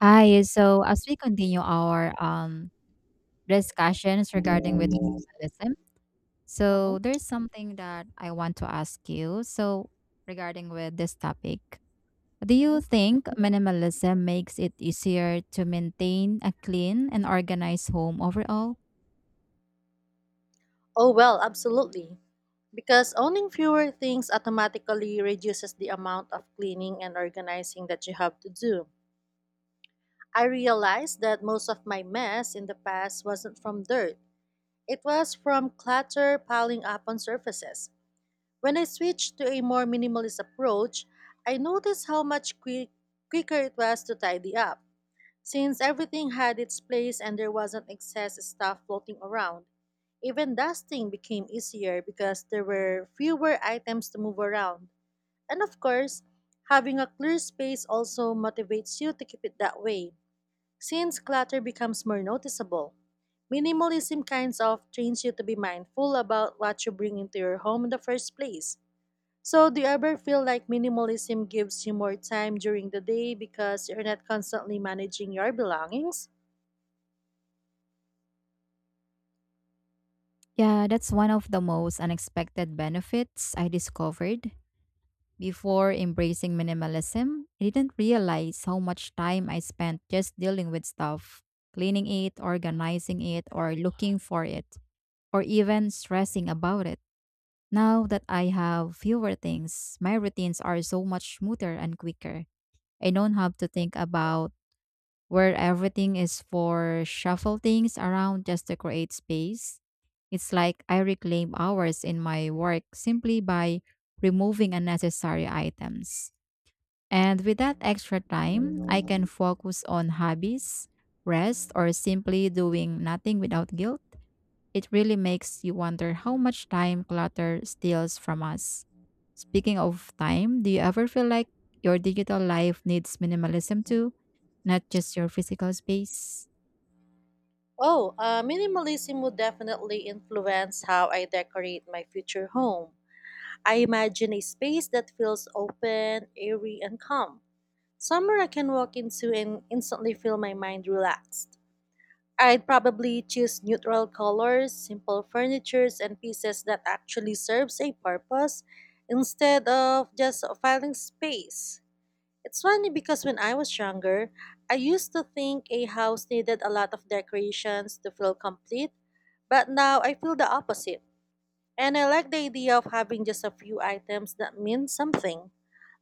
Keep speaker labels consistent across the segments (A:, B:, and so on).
A: Hi. So as we continue our discussions regarding with minimalism,
B: Mhm,
A: so there's something that I want to ask you. So regarding with this topic, do
B: mhm.
A: you think minimalism makes it easier to maintain a clean and organized home overall?
B: Oh, well, absolutely. Because owning fewer things automatically reduces the amount of cleaning and organizing that you have to do. I realized that most of my mess in the past wasn't from dirt, it was from clutter piling up on surfaces. When I switched to a more minimalist approach, I noticed how much quicker it was to tidy up. Since everything had its place and there wasn't excess stuff floating around, even dusting became easier because there were fewer items to move around. And of course, having a clear space also motivates you to keep it that way, since clutter becomes more noticeable. Minimalism kinds of trains you to be mindful about what you bring into your home in the first place. So, do you ever feel like minimalism gives you more time during the day because you're not constantly managing your belongings?
A: Yeah, that's one of the most unexpected benefits I discovered. Before embracing minimalism, I didn't realize how much time I spent just dealing with stuff, cleaning it, organizing it, or looking for it, or even stressing about it. Now that I have fewer things, my routines are so much smoother and quicker. I don't have to think about where everything is for shuffle things around just to create space. It's like I reclaim hours in my work simply by removing unnecessary items. And with that extra time, I can focus on hobbies, rest, or simply doing nothing without guilt. It really makes you wonder how much time clutter steals from us. Speaking of time, do you ever feel like your digital life needs minimalism too, not just your physical space?
B: Oh, minimalism would definitely influence how I decorate my future home. I imagine a space that feels open, airy, and calm. Somewhere I can walk into and instantly feel my mind relaxed. I'd probably choose neutral colors, simple furnitures, and pieces that actually serves a purpose instead of just filling space. It's funny because when I was younger, I used to think a house needed a lot of decorations to feel complete, but now I feel the opposite. And I like the idea of having just a few items that mean something,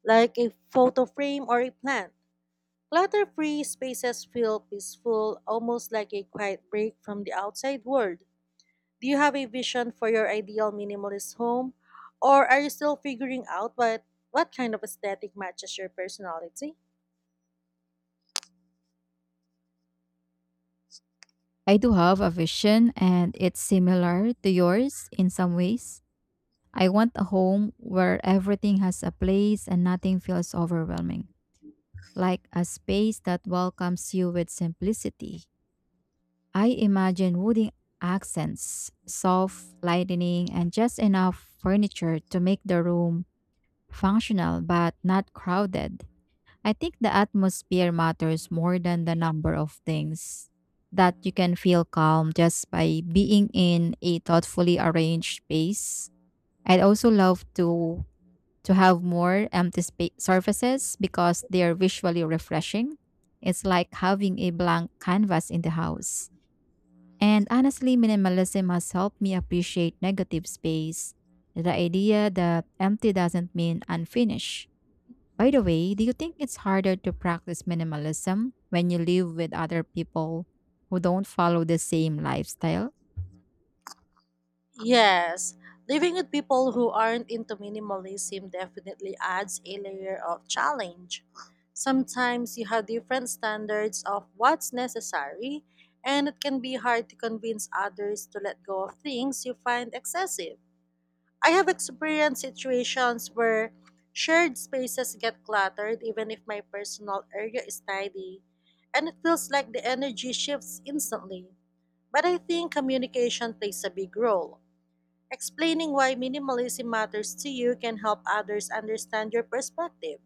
B: like a photo frame or a plant. Clutter free spaces feel peaceful, almost like a quiet break from the outside world. Do you have a vision for your ideal minimalist home, or are you still figuring out what kind of aesthetic matches your personality?
A: I do have a vision, and it's similar to yours in some ways. I want a home where everything has a place and nothing feels overwhelming, like a space that welcomes you with simplicity. I imagine wooden accents, soft lighting, and just enough furniture to make the room functional but not crowded. I think the atmosphere matters more than the number of things. That you can feel calm just by being in a thoughtfully arranged space. I'd also love to have more empty surfaces because they are visually refreshing. It's like having a blank canvas in the house. And honestly, minimalism has helped me appreciate negative space. The idea that empty doesn't mean unfinished. By the way, do you think it's harder to practice minimalism when you live with other people who don't follow the same lifestyle?
B: Yes, living with people who aren't into minimalism definitely adds a layer of challenge. Sometimes you have different standards of what's necessary, and it can be hard to convince others to let go of things you find excessive. I have experienced situations where shared spaces get cluttered even if my personal area is tidy, and it feels like the energy shifts instantly. But I think communication plays a big role. Explaining why minimalism matters to you can help others understand your perspective.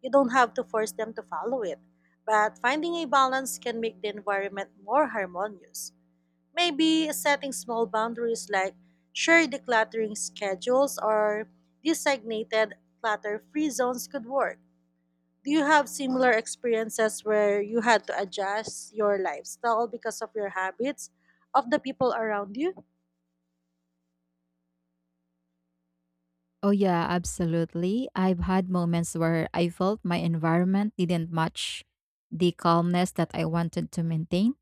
B: You don't have to force them to follow it, but finding a balance can make the environment more harmonious. Maybe setting small boundaries like share decluttering schedules or designated clutter free zones could work. Do you have similar experiences where you had to adjust your lifestyle because of your habits of the people around you?
A: Oh, yeah, absolutely. I've had moments where I felt my environment didn't match the calmness that I wanted to maintain.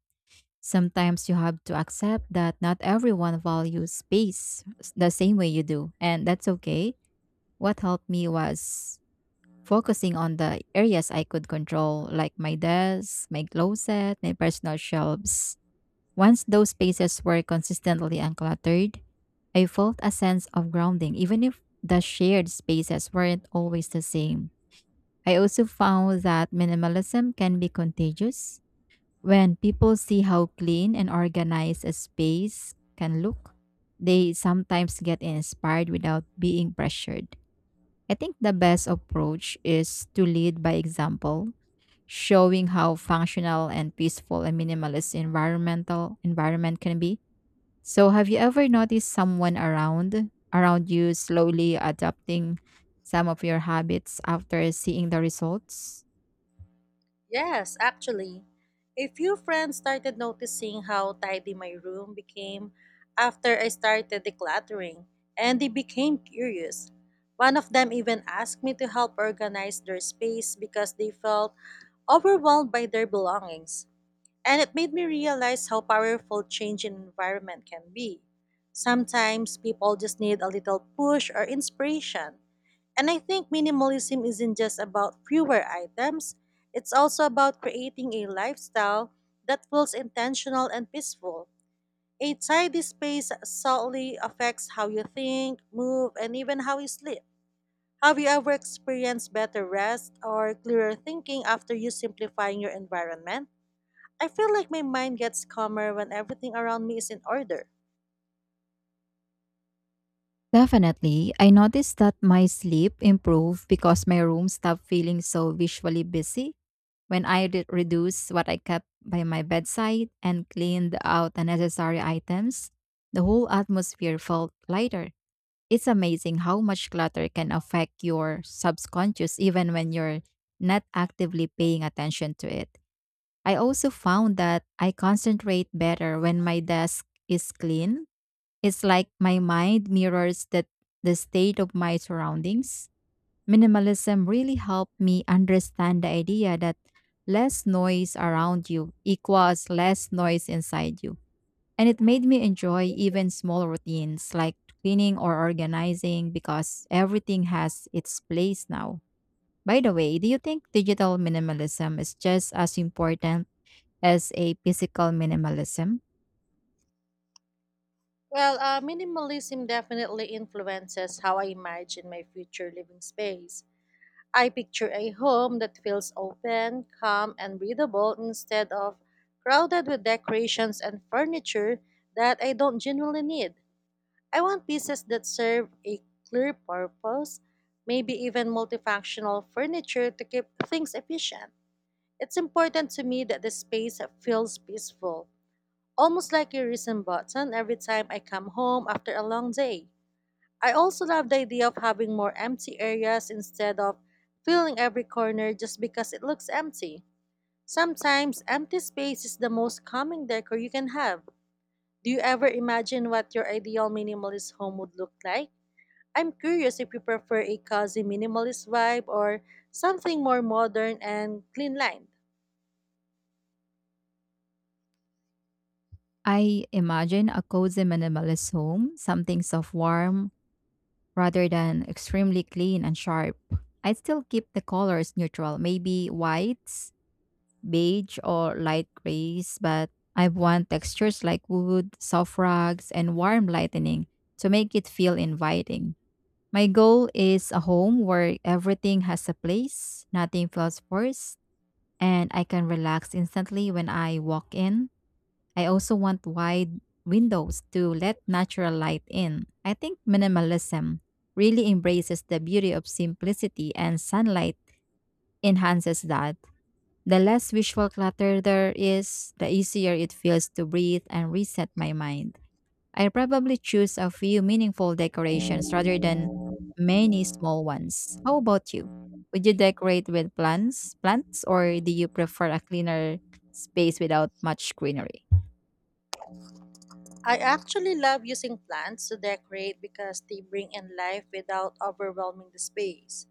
A: Sometimes you have to accept that not everyone values space the same way you do, and that's okay. What helped me was focusing on the areas I could control, like my desk, my closet, my personal shelves. Once those spaces were consistently uncluttered, I felt a sense of grounding, even if the shared spaces weren't always the same. I also found that minimalism can be contagious. When people see how clean and organized a space can look, they sometimes get inspired without being pressured. I think the best approach is to lead by example, showing how functional and peaceful a minimalist environment can be. So have you ever noticed someone around you slowly adopting some of your habits after seeing the results?
B: Yes, actually, a few friends started noticing how tidy my room became after I started decluttering, and they became curious. One of them even asked me to help organize their space because they felt overwhelmed by their belongings. And it made me realize how powerful change in environment can be. Sometimes people just need a little push or inspiration. And I think minimalism isn't just about fewer items, it's also about creating a lifestyle that feels intentional and peaceful. A tidy space subtly affects how you think, move, and even how you sleep. Have you ever experienced better rest or clearer thinking after you simplifying your environment? I feel like my mind gets calmer when everything around me is in order.
A: Definitely. I noticed that my sleep improved because my room stopped feeling so visually busy when I reduced what I kept by my bedside and cleaned out unnecessary items. The whole atmosphere felt lighter. It's amazing how much clutter can affect your subconscious even when you're not actively paying attention to it. I also found that I concentrate better when my desk is clean. It's like my mind mirrors that the state of my surroundings. Minimalism really helped me understand the idea that less noise around you equals less noise inside you. And it made me enjoy even small routines like cleaning or organizing because everything has its place now. By the way, do you think digital minimalism is just as important as a physical minimalism?
B: Well, minimalism definitely influences how I imagine my future living space. I picture a home that feels open, calm, and breathable instead of crowded with decorations and furniture that I don't genuinely need. I want pieces that serve a clear purpose, maybe even multifunctional furniture to keep things efficient. It's important to me that the space feels peaceful almost like a reset button every time I come home after a long day. I also love the idea of having more empty areas instead of filling every corner just because it looks empty. Sometimes empty space is the most calming decor you can have. Do you ever imagine what your ideal minimalist home would look like? I'm curious if you prefer a cozy minimalist vibe or something more modern and clean lined.
A: I imagine a cozy minimalist home, something soft warm rather than extremely clean and sharp. I'd still keep the colors neutral, maybe whites, beige, or light grays, but I want textures like wood, soft rugs, and warm lighting to make it feel inviting. My goal is a home where everything has a place, nothing feels forced, and I can relax instantly when I walk in. I also want wide windows to let natural light in. I think minimalism really embraces the beauty of simplicity, and sunlight enhances that. The less visual clutter there is, the easier it feels to breathe and reset my mind. I probably choose a few meaningful decorations rather than many small ones. How about you? Would you decorate with plants, or do you prefer a cleaner space without much greenery?
B: I actually love using plants to decorate because they bring in life without overwhelming the space.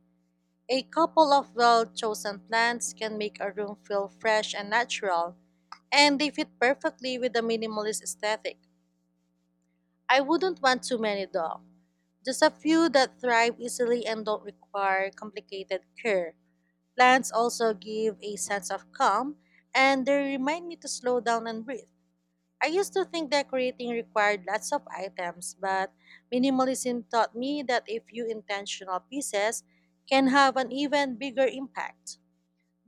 B: A couple of well chosen plants can make a room feel fresh and natural, and they fit perfectly with the minimalist aesthetic. I wouldn't want too many though, just a few that thrive easily and don't require complicated care. Plants also give a sense of calm, and they remind me to slow down and breathe. I used to think decorating required lots of items, but minimalism taught me that a few intentional pieces can have an even bigger impact.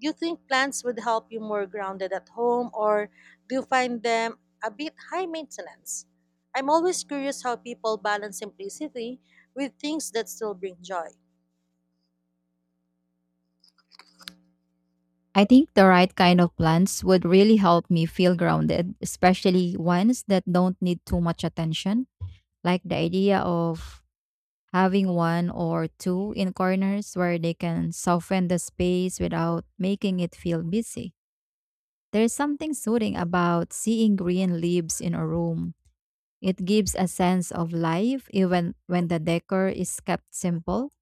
B: Do you think plants would help you more grounded at home, or do you find them a bit high maintenance? I'm always curious how people balance simplicity with things that still bring joy.
A: I think the right kind of plants would really help me feel grounded, especially ones that don't need too much attention. Like the idea of having one or two in corners where they can soften the space without making it feel busy. There's something soothing about seeing green leaves in a room. It gives a sense of life even when the decor is kept simple.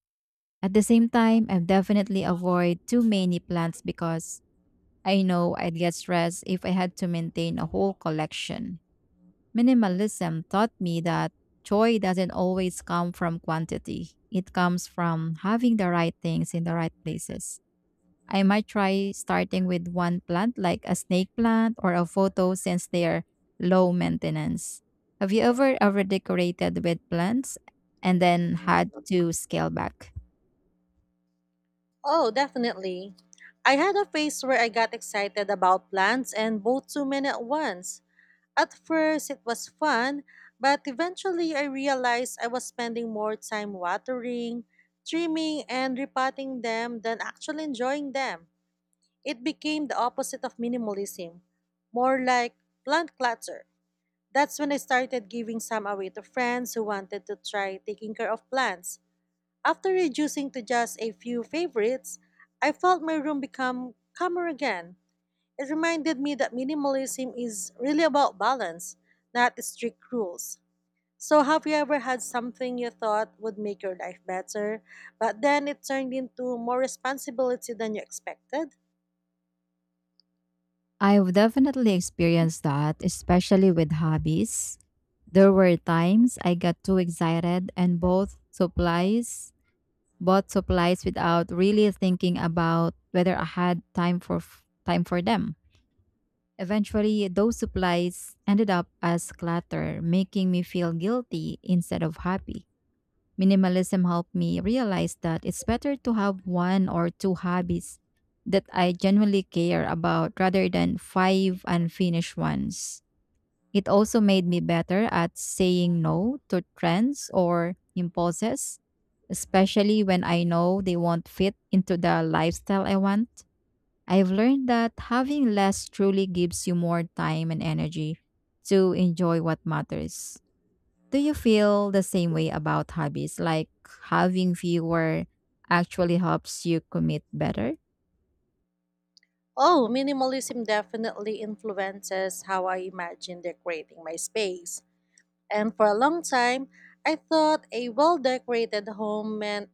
A: At the same time, I've definitely avoid too many plants because I know I'd get stressed if I had to maintain a whole collection. Minimalism taught me that joy doesn't always come from quantity, it comes from having the right things in the right places. I might try starting with one plant, like a snake plant or a photo, since they are low maintenance. Have you ever overdecorated with plants and then had to scale back?
B: Oh, definitely. I had a phase where I got excited about plants and bought too many at once. At first, it was fun, but eventually I realized I was spending more time watering, trimming, and repotting them than actually enjoying them. It became the opposite of minimalism, more like plant clutter. That's when I started giving some away to friends who wanted to try taking care of plants. After reducing to just a few favorites, I felt my room become calmer again. It reminded me that minimalism is really about balance, not strict rules. So, have you ever had something you thought would make your life better, but then it turned into more responsibility than you expected?
A: I've definitely experienced that, especially with hobbies. There were times I got too excited and both supplies bought supplies without really thinking about whether I had time for time for them. Eventually, those supplies ended up as clutter, making me feel guilty instead of happy. Minimalism helped me realize that it's better to have one or two hobbies that I genuinely care about rather than five unfinished ones. It also made me better at saying no to trends or impulses, especially when I know they won't fit into the lifestyle I want. I've learned that having less truly gives you more time and energy to enjoy what matters. Do you feel the same way about hobbies? Like having fewer actually helps you commit better?
B: Oh, minimalism definitely influences how I imagine decorating my space. And for a long time, I thought a well decorated home meant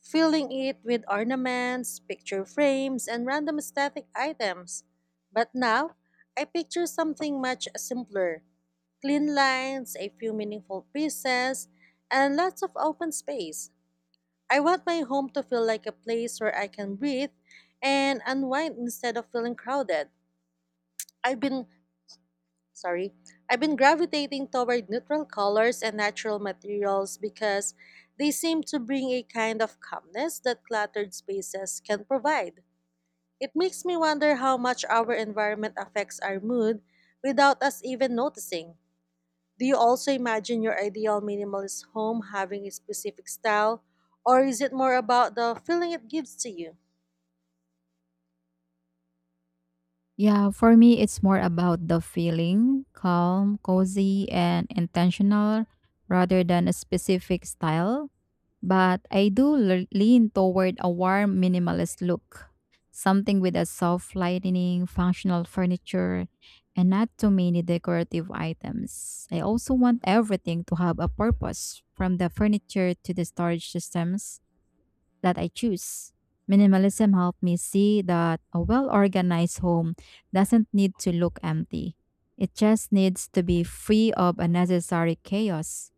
B: filling it with ornaments, picture frames, and random aesthetic items. But now, I picture something much simpler clean lines, a few meaningful pieces, and lots of open space. I want my home to feel like a place where I can breathe and unwind instead of feeling crowded. I've been sorry, I've been gravitating toward neutral colors and natural materials because they seem to bring a kind of calmness that cluttered spaces can provide. It makes me wonder how much our environment affects our mood without us even noticing. Do you also imagine your ideal minimalist home having a specific style, or is it more about the feeling it gives to you?
A: Yeah, for me, it's more about the feeling calm, cozy, and intentional rather than a specific style. But I do lean toward a warm minimalist look, something with a soft lighting, functional furniture, and not too many decorative items. I also want everything to have a purpose, from the furniture to the storage systems that I choose. Minimalism helped me see that a well organized home doesn't need to look empty. It just needs to be free of unnecessary chaos.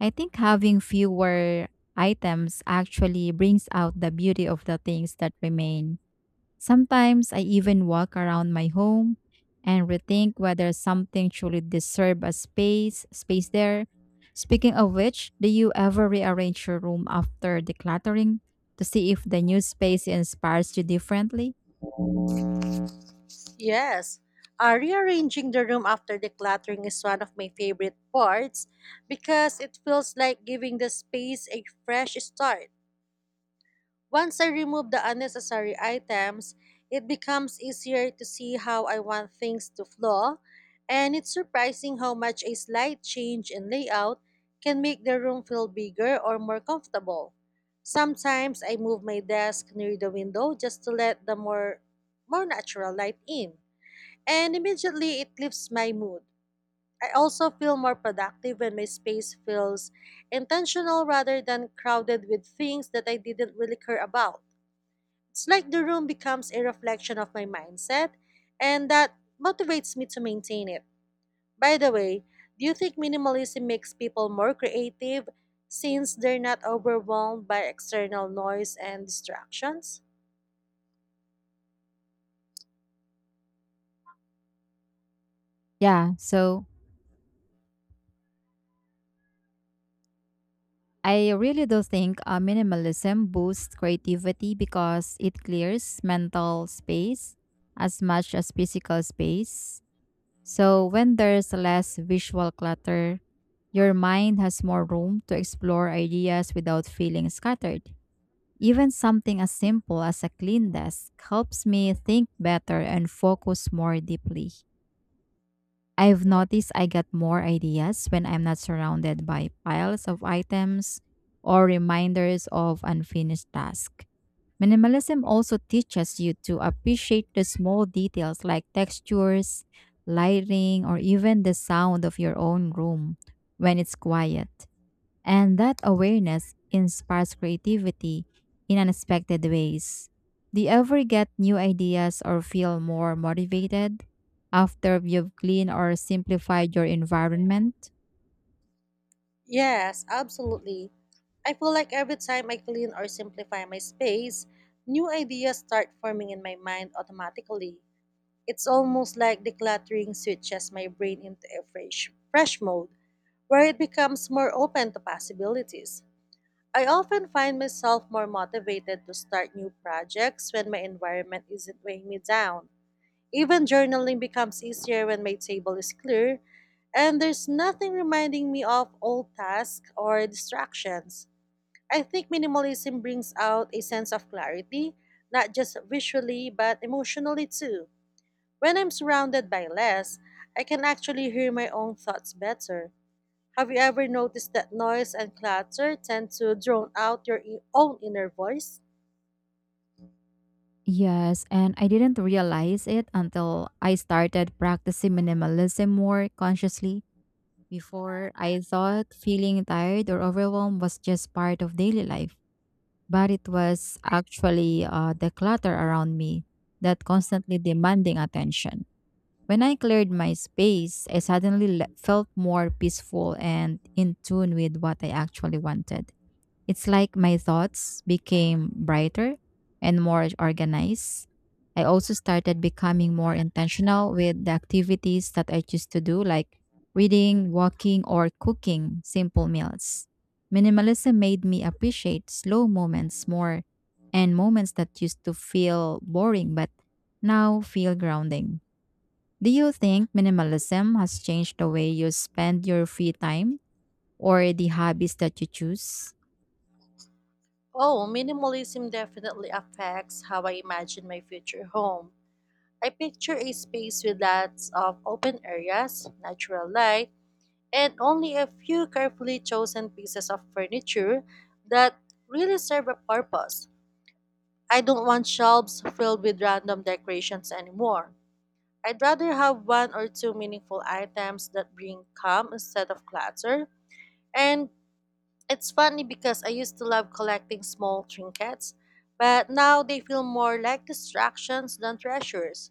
A: I think having fewer items actually brings out the beauty of the things that remain. Sometimes I even walk around my home and rethink whether something truly deserves a space there. Speaking of which, do you ever rearrange your room after decluttering to see if the new space inspires you differently?
B: Yes, rearranging the room after decluttering is one of my favorite parts because it feels like giving the space a fresh start. Once I remove the unnecessary items, it becomes easier to see how I want things to flow, and it's surprising how much a slight change in layout can make the room feel bigger or more comfortable. Sometimes I move my desk near the window just to let the more natural light in and immediately it lifts my mood. I also feel more productive when my space feels intentional rather than crowded with things that I didn't really care about. It's like the room becomes a reflection of my mindset, and that motivates me to maintain it. By the way, do you think minimalism makes people more creative since they're not overwhelmed by external noise and distractions?
A: Yeah, so I really do think minimalism boosts creativity because it clears mental space as much as physical space. So when there's less visual clutter, your mind has more room to explore ideas without feeling scattered. Even something as simple as a clean desk helps me think better and focus more deeply. I've noticed I get more ideas when I'm not surrounded by piles of items or reminders of unfinished tasks. Minimalism also teaches you to appreciate the small details like textures, lighting, or even the sound of your own room when it's quiet. And that awareness inspires creativity in unexpected ways. Do you ever get new ideas or feel more motivated after you've cleaned or simplified your environment?
B: Yes, absolutely. I feel like every time I clean or simplify my space, new ideas start forming in my mind automatically. It's almost like decluttering switches my brain into a fresh mode where it becomes more open to possibilities. I often find myself more motivated to start new projects when my environment isn't weighing me down. Even journaling becomes easier when my table is clear and there's nothing reminding me of old tasks or distractions. I think minimalism brings out a sense of clarity, not just visually, but emotionally too. When I'm surrounded by less, I can actually hear my own thoughts better. Have you ever noticed that noise and clutter tend to drown out your own inner voice?
A: Yes, and I didn't realize it until I started practicing minimalism more consciously. Before, I thought feeling tired or overwhelmed was just part of daily life. But it was actually the clutter around me that constantly demanding attention. When I cleared my space, I suddenly felt more peaceful and in tune with what I actually wanted. It's like my thoughts became brighter and more organized. I also started becoming more intentional with the activities that I choose to do, like reading, walking, or cooking simple meals. Minimalism made me appreciate slow moments more and moments that used to feel boring but now feel grounding. Do you think minimalism has changed the way you spend your free time or the hobbies that you choose?
B: Oh, minimalism definitely affects how I imagine my future home. I picture a space with lots of open areas, natural light, and only a few carefully chosen pieces of furniture that really serve a purpose. I don't want shelves filled with random decorations anymore. I'd rather have one or two meaningful items that bring calm instead of clutter. And it's funny because I used to love collecting small trinkets, but now they feel more like distractions than treasures.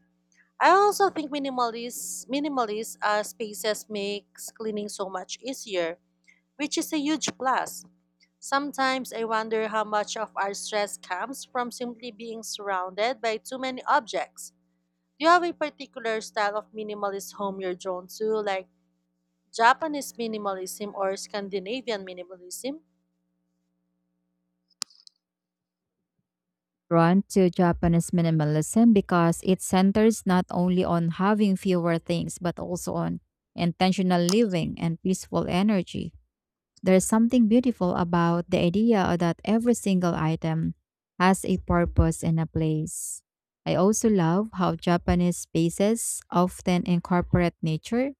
B: I also think minimalist spaces makes cleaning so much easier which is a huge plus. Sometimes I wonder how much of our stress comes from simply being surrounded by too many objects. Do you have a particular style of minimalist home you're drawn to, like Japanese minimalism or Scandinavian minimalism?
A: Drawn to Japanese minimalism because it centers not only on having fewer things but also on intentional living and peaceful energy. There's something beautiful about the idea that every single item has a purpose and a place. I also love how Japanese spaces often incorporate nature,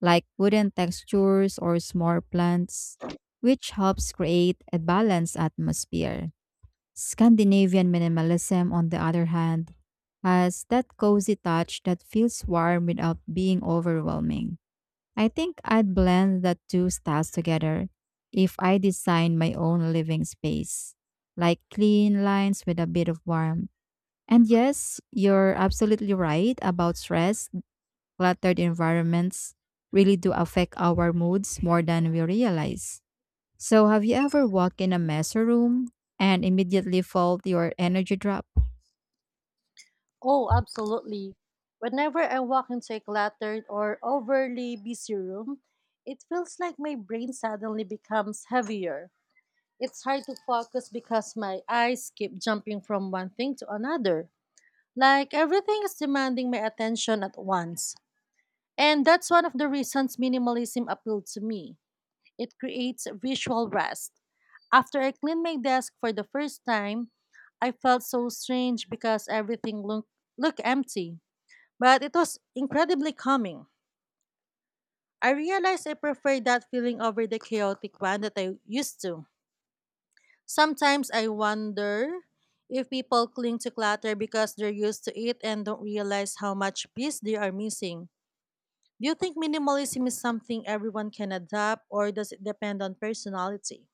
A: like wooden textures or small plants, which helps create a balanced atmosphere. Scandinavian minimalism, on the other hand, has that cozy touch that feels warm without being overwhelming. I think I'd blend the two styles together if I designed my own living space, like clean lines with a bit of warmth. And yes, you're absolutely right about stress. Cluttered environments really do affect our moods more than we realize. So, have you ever walked in a messy room and immediately felt your energy drop?
B: Oh, absolutely. Whenever I walk into a cluttered or overly busy room, it feels like my brain suddenly becomes heavier. It's hard to focus because my eyes keep jumping from one thing to another. Like everything is demanding my attention at once. And that's one of the reasons minimalism appealed to me. It creates visual rest. After I cleaned my desk for the first time, I felt so strange because everything looked empty. But it was incredibly calming. I realized I prefer that feeling over the chaotic one that I used to. Sometimes I wonder if people cling to clutter because they're used to it and don't realize how much peace they are missing. Do you think minimalism is something everyone can adapt, or does it depend on personality?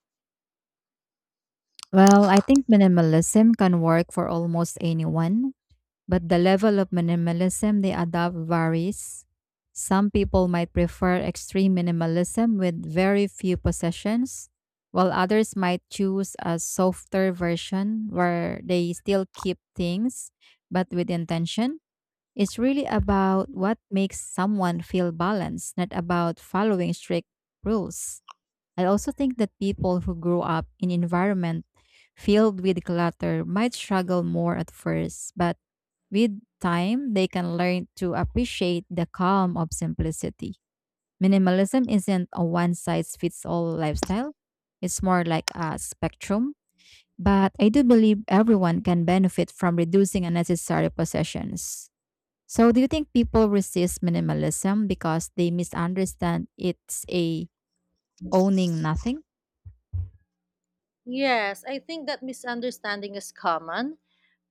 A: Well, I think minimalism can work for almost anyone, but the level of minimalism they adopt varies. Some people might prefer extreme minimalism with very few possessions, while others might choose a softer version where they still keep things but with intention. It's really about what makes someone feel balanced, not about following strict rules. I also think that people who grow up in environment filled with clutter might struggle more at first, but with time they can learn to appreciate the calm of simplicity. Minimalism isn't a one size fits all lifestyle. It's more like a spectrum, but I do believe everyone can benefit from reducing unnecessary possessions. So, do you think people resist minimalism because they misunderstand it's a owning nothing?
B: Yes, I think that misunderstanding is common.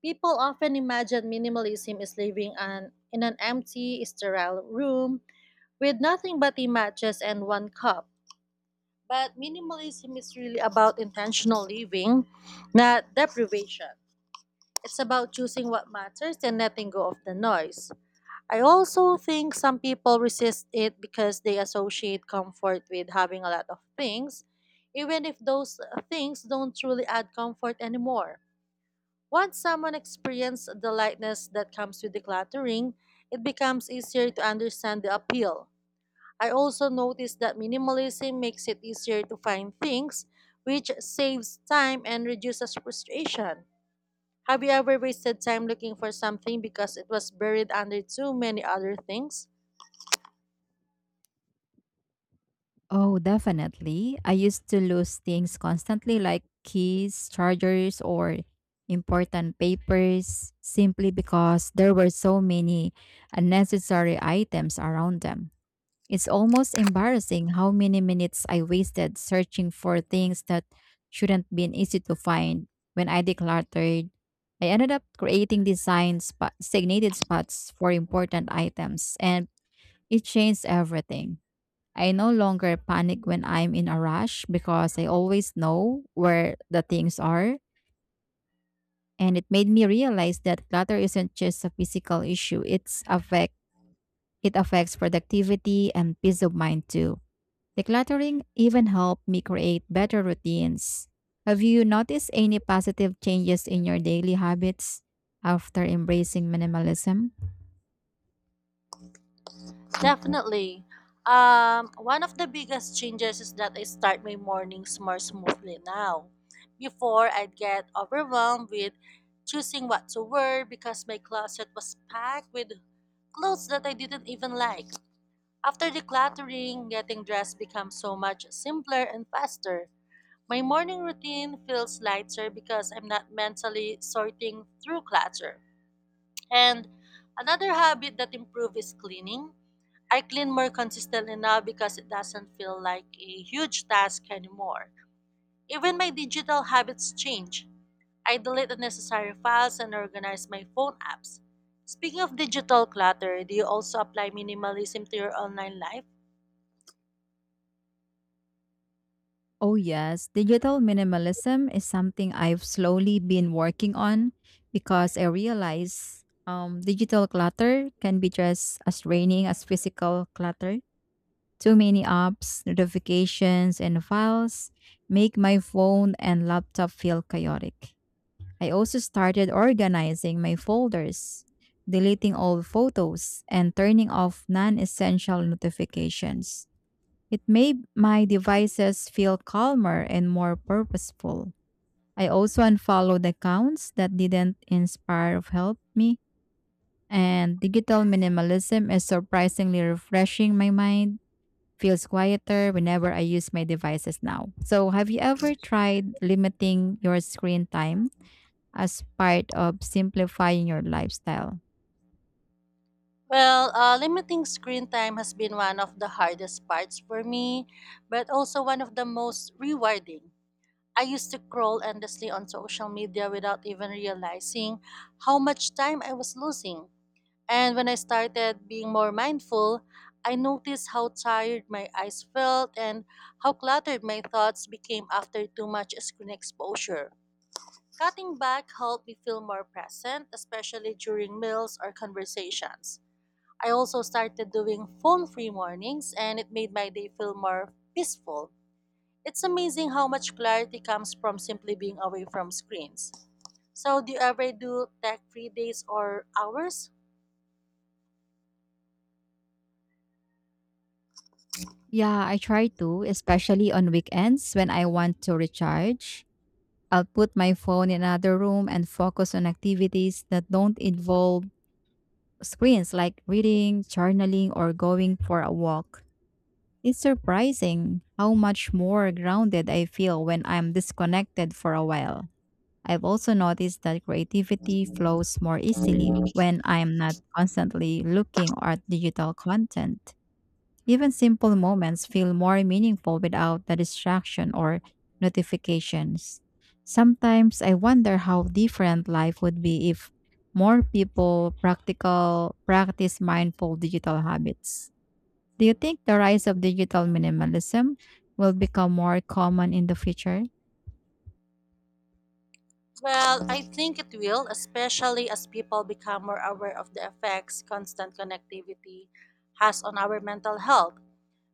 B: People often imagine minimalism is living in an empty, sterile room with nothing but a mattress and one cup. But minimalism is really about intentional living, not deprivation. It's about choosing what matters and letting go of the noise. I also think some people resist it because they associate comfort with having a lot of things, even if those things don't truly add comfort anymore. Once someone experiences the lightness that comes with decluttering, it becomes easier to understand the appeal. I also noticed that minimalism makes it easier to find things, which saves time and reduces frustration. Have you ever wasted time looking for something because it was buried under too many other things?
A: Oh, definitely. I used to lose things constantly like keys, chargers, or important papers simply because there were so many unnecessary items around them. It's almost embarrassing how many minutes I wasted searching for things that shouldn't been easy to find. When I decluttered, I ended up creating designated spots for important items, and it changed everything. I no longer panic when I'm in a rush because I always know where the things are. And it made me realize that clutter isn't just a physical issue, it affects productivity and peace of mind too. Decluttering even helped me create better routines. Have you noticed any positive changes in your daily habits after embracing minimalism?
B: Definitely. One of the biggest changes is that I start my mornings more smoothly now. Before, I'd get overwhelmed with choosing what to wear because my closet was packed with clothes that I didn't even like. After decluttering, getting dressed becomes so much simpler and faster. My morning routine feels lighter because I'm not mentally sorting through clutter. And another habit that improves is cleaning. I clean more consistently now because it doesn't feel like a huge task anymore. Even my digital habits change. I delete unnecessary files and organize my phone apps. Speaking of digital clutter, do you also apply minimalism to your online life?
A: Oh, yes. Digital minimalism is something I've slowly been working on because I realize digital clutter can be just as draining as physical clutter. Too many apps, notifications, and files make my phone and laptop feel chaotic. I also started organizing my folders, deleting old photos, and turning off non essential notifications. It made my devices feel calmer and more purposeful. I also unfollowed accounts that didn't inspire or help me. And digital minimalism is surprisingly refreshing my mind. Feels quieter whenever I use my devices now. So, have you ever tried limiting your screen time as part of simplifying your lifestyle?
B: Well, limiting screen time has been one of the hardest parts for me, but also one of the most rewarding. I used to scroll endlessly on social media without even realizing how much time I was losing. And when I started being more mindful, I noticed how tired my eyes felt and how cluttered my thoughts became after too much screen exposure. Cutting back helped me feel more present, especially during meals or conversations. I also started doing phone free mornings, and it made my day feel more peaceful. It's amazing how much clarity comes from simply being away from screens. So, do you ever do tech free days or hours?
A: Yeah, I try to, especially on weekends when I want to recharge. I'll put my phone in another room and focus on activities that don't involve screens like reading, journaling, or going for a walk. It's surprising how much more grounded I feel when I'm disconnected for a while. I've also noticed that creativity flows more easily when I'm not constantly looking at digital content. Even simple moments feel more meaningful without the distraction or notifications. Sometimes I wonder how different life would be if more people practical practice mindful digital habits. Do you think the rise of digital minimalism will become more common in the future?
B: Well, I think it will, especially as people become more aware of the effects constant connectivity has on our mental health.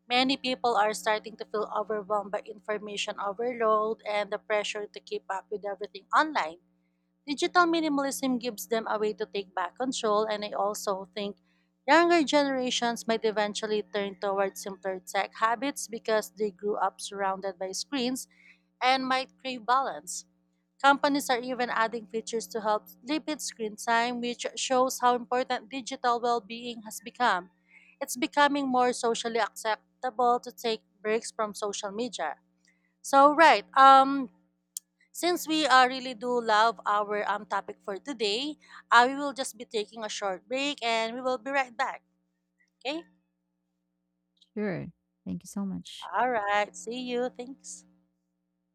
B: Many people are starting to feel overwhelmed by information overload and the pressure to keep up with everything online. Digital minimalism gives them a way to take back control, and I also think younger generations might eventually turn towards simpler tech habits because they grew up surrounded by screens and might crave balance. Companies are even adding features to help limit screen time, which shows how important digital well being has become. It's becoming more socially acceptable to take breaks from social media. So, right, since we really do love our topic for today, we will just be taking a short break and we will be right back. Okay?
A: Sure. Thank you so much.
B: All right. See you. Thanks.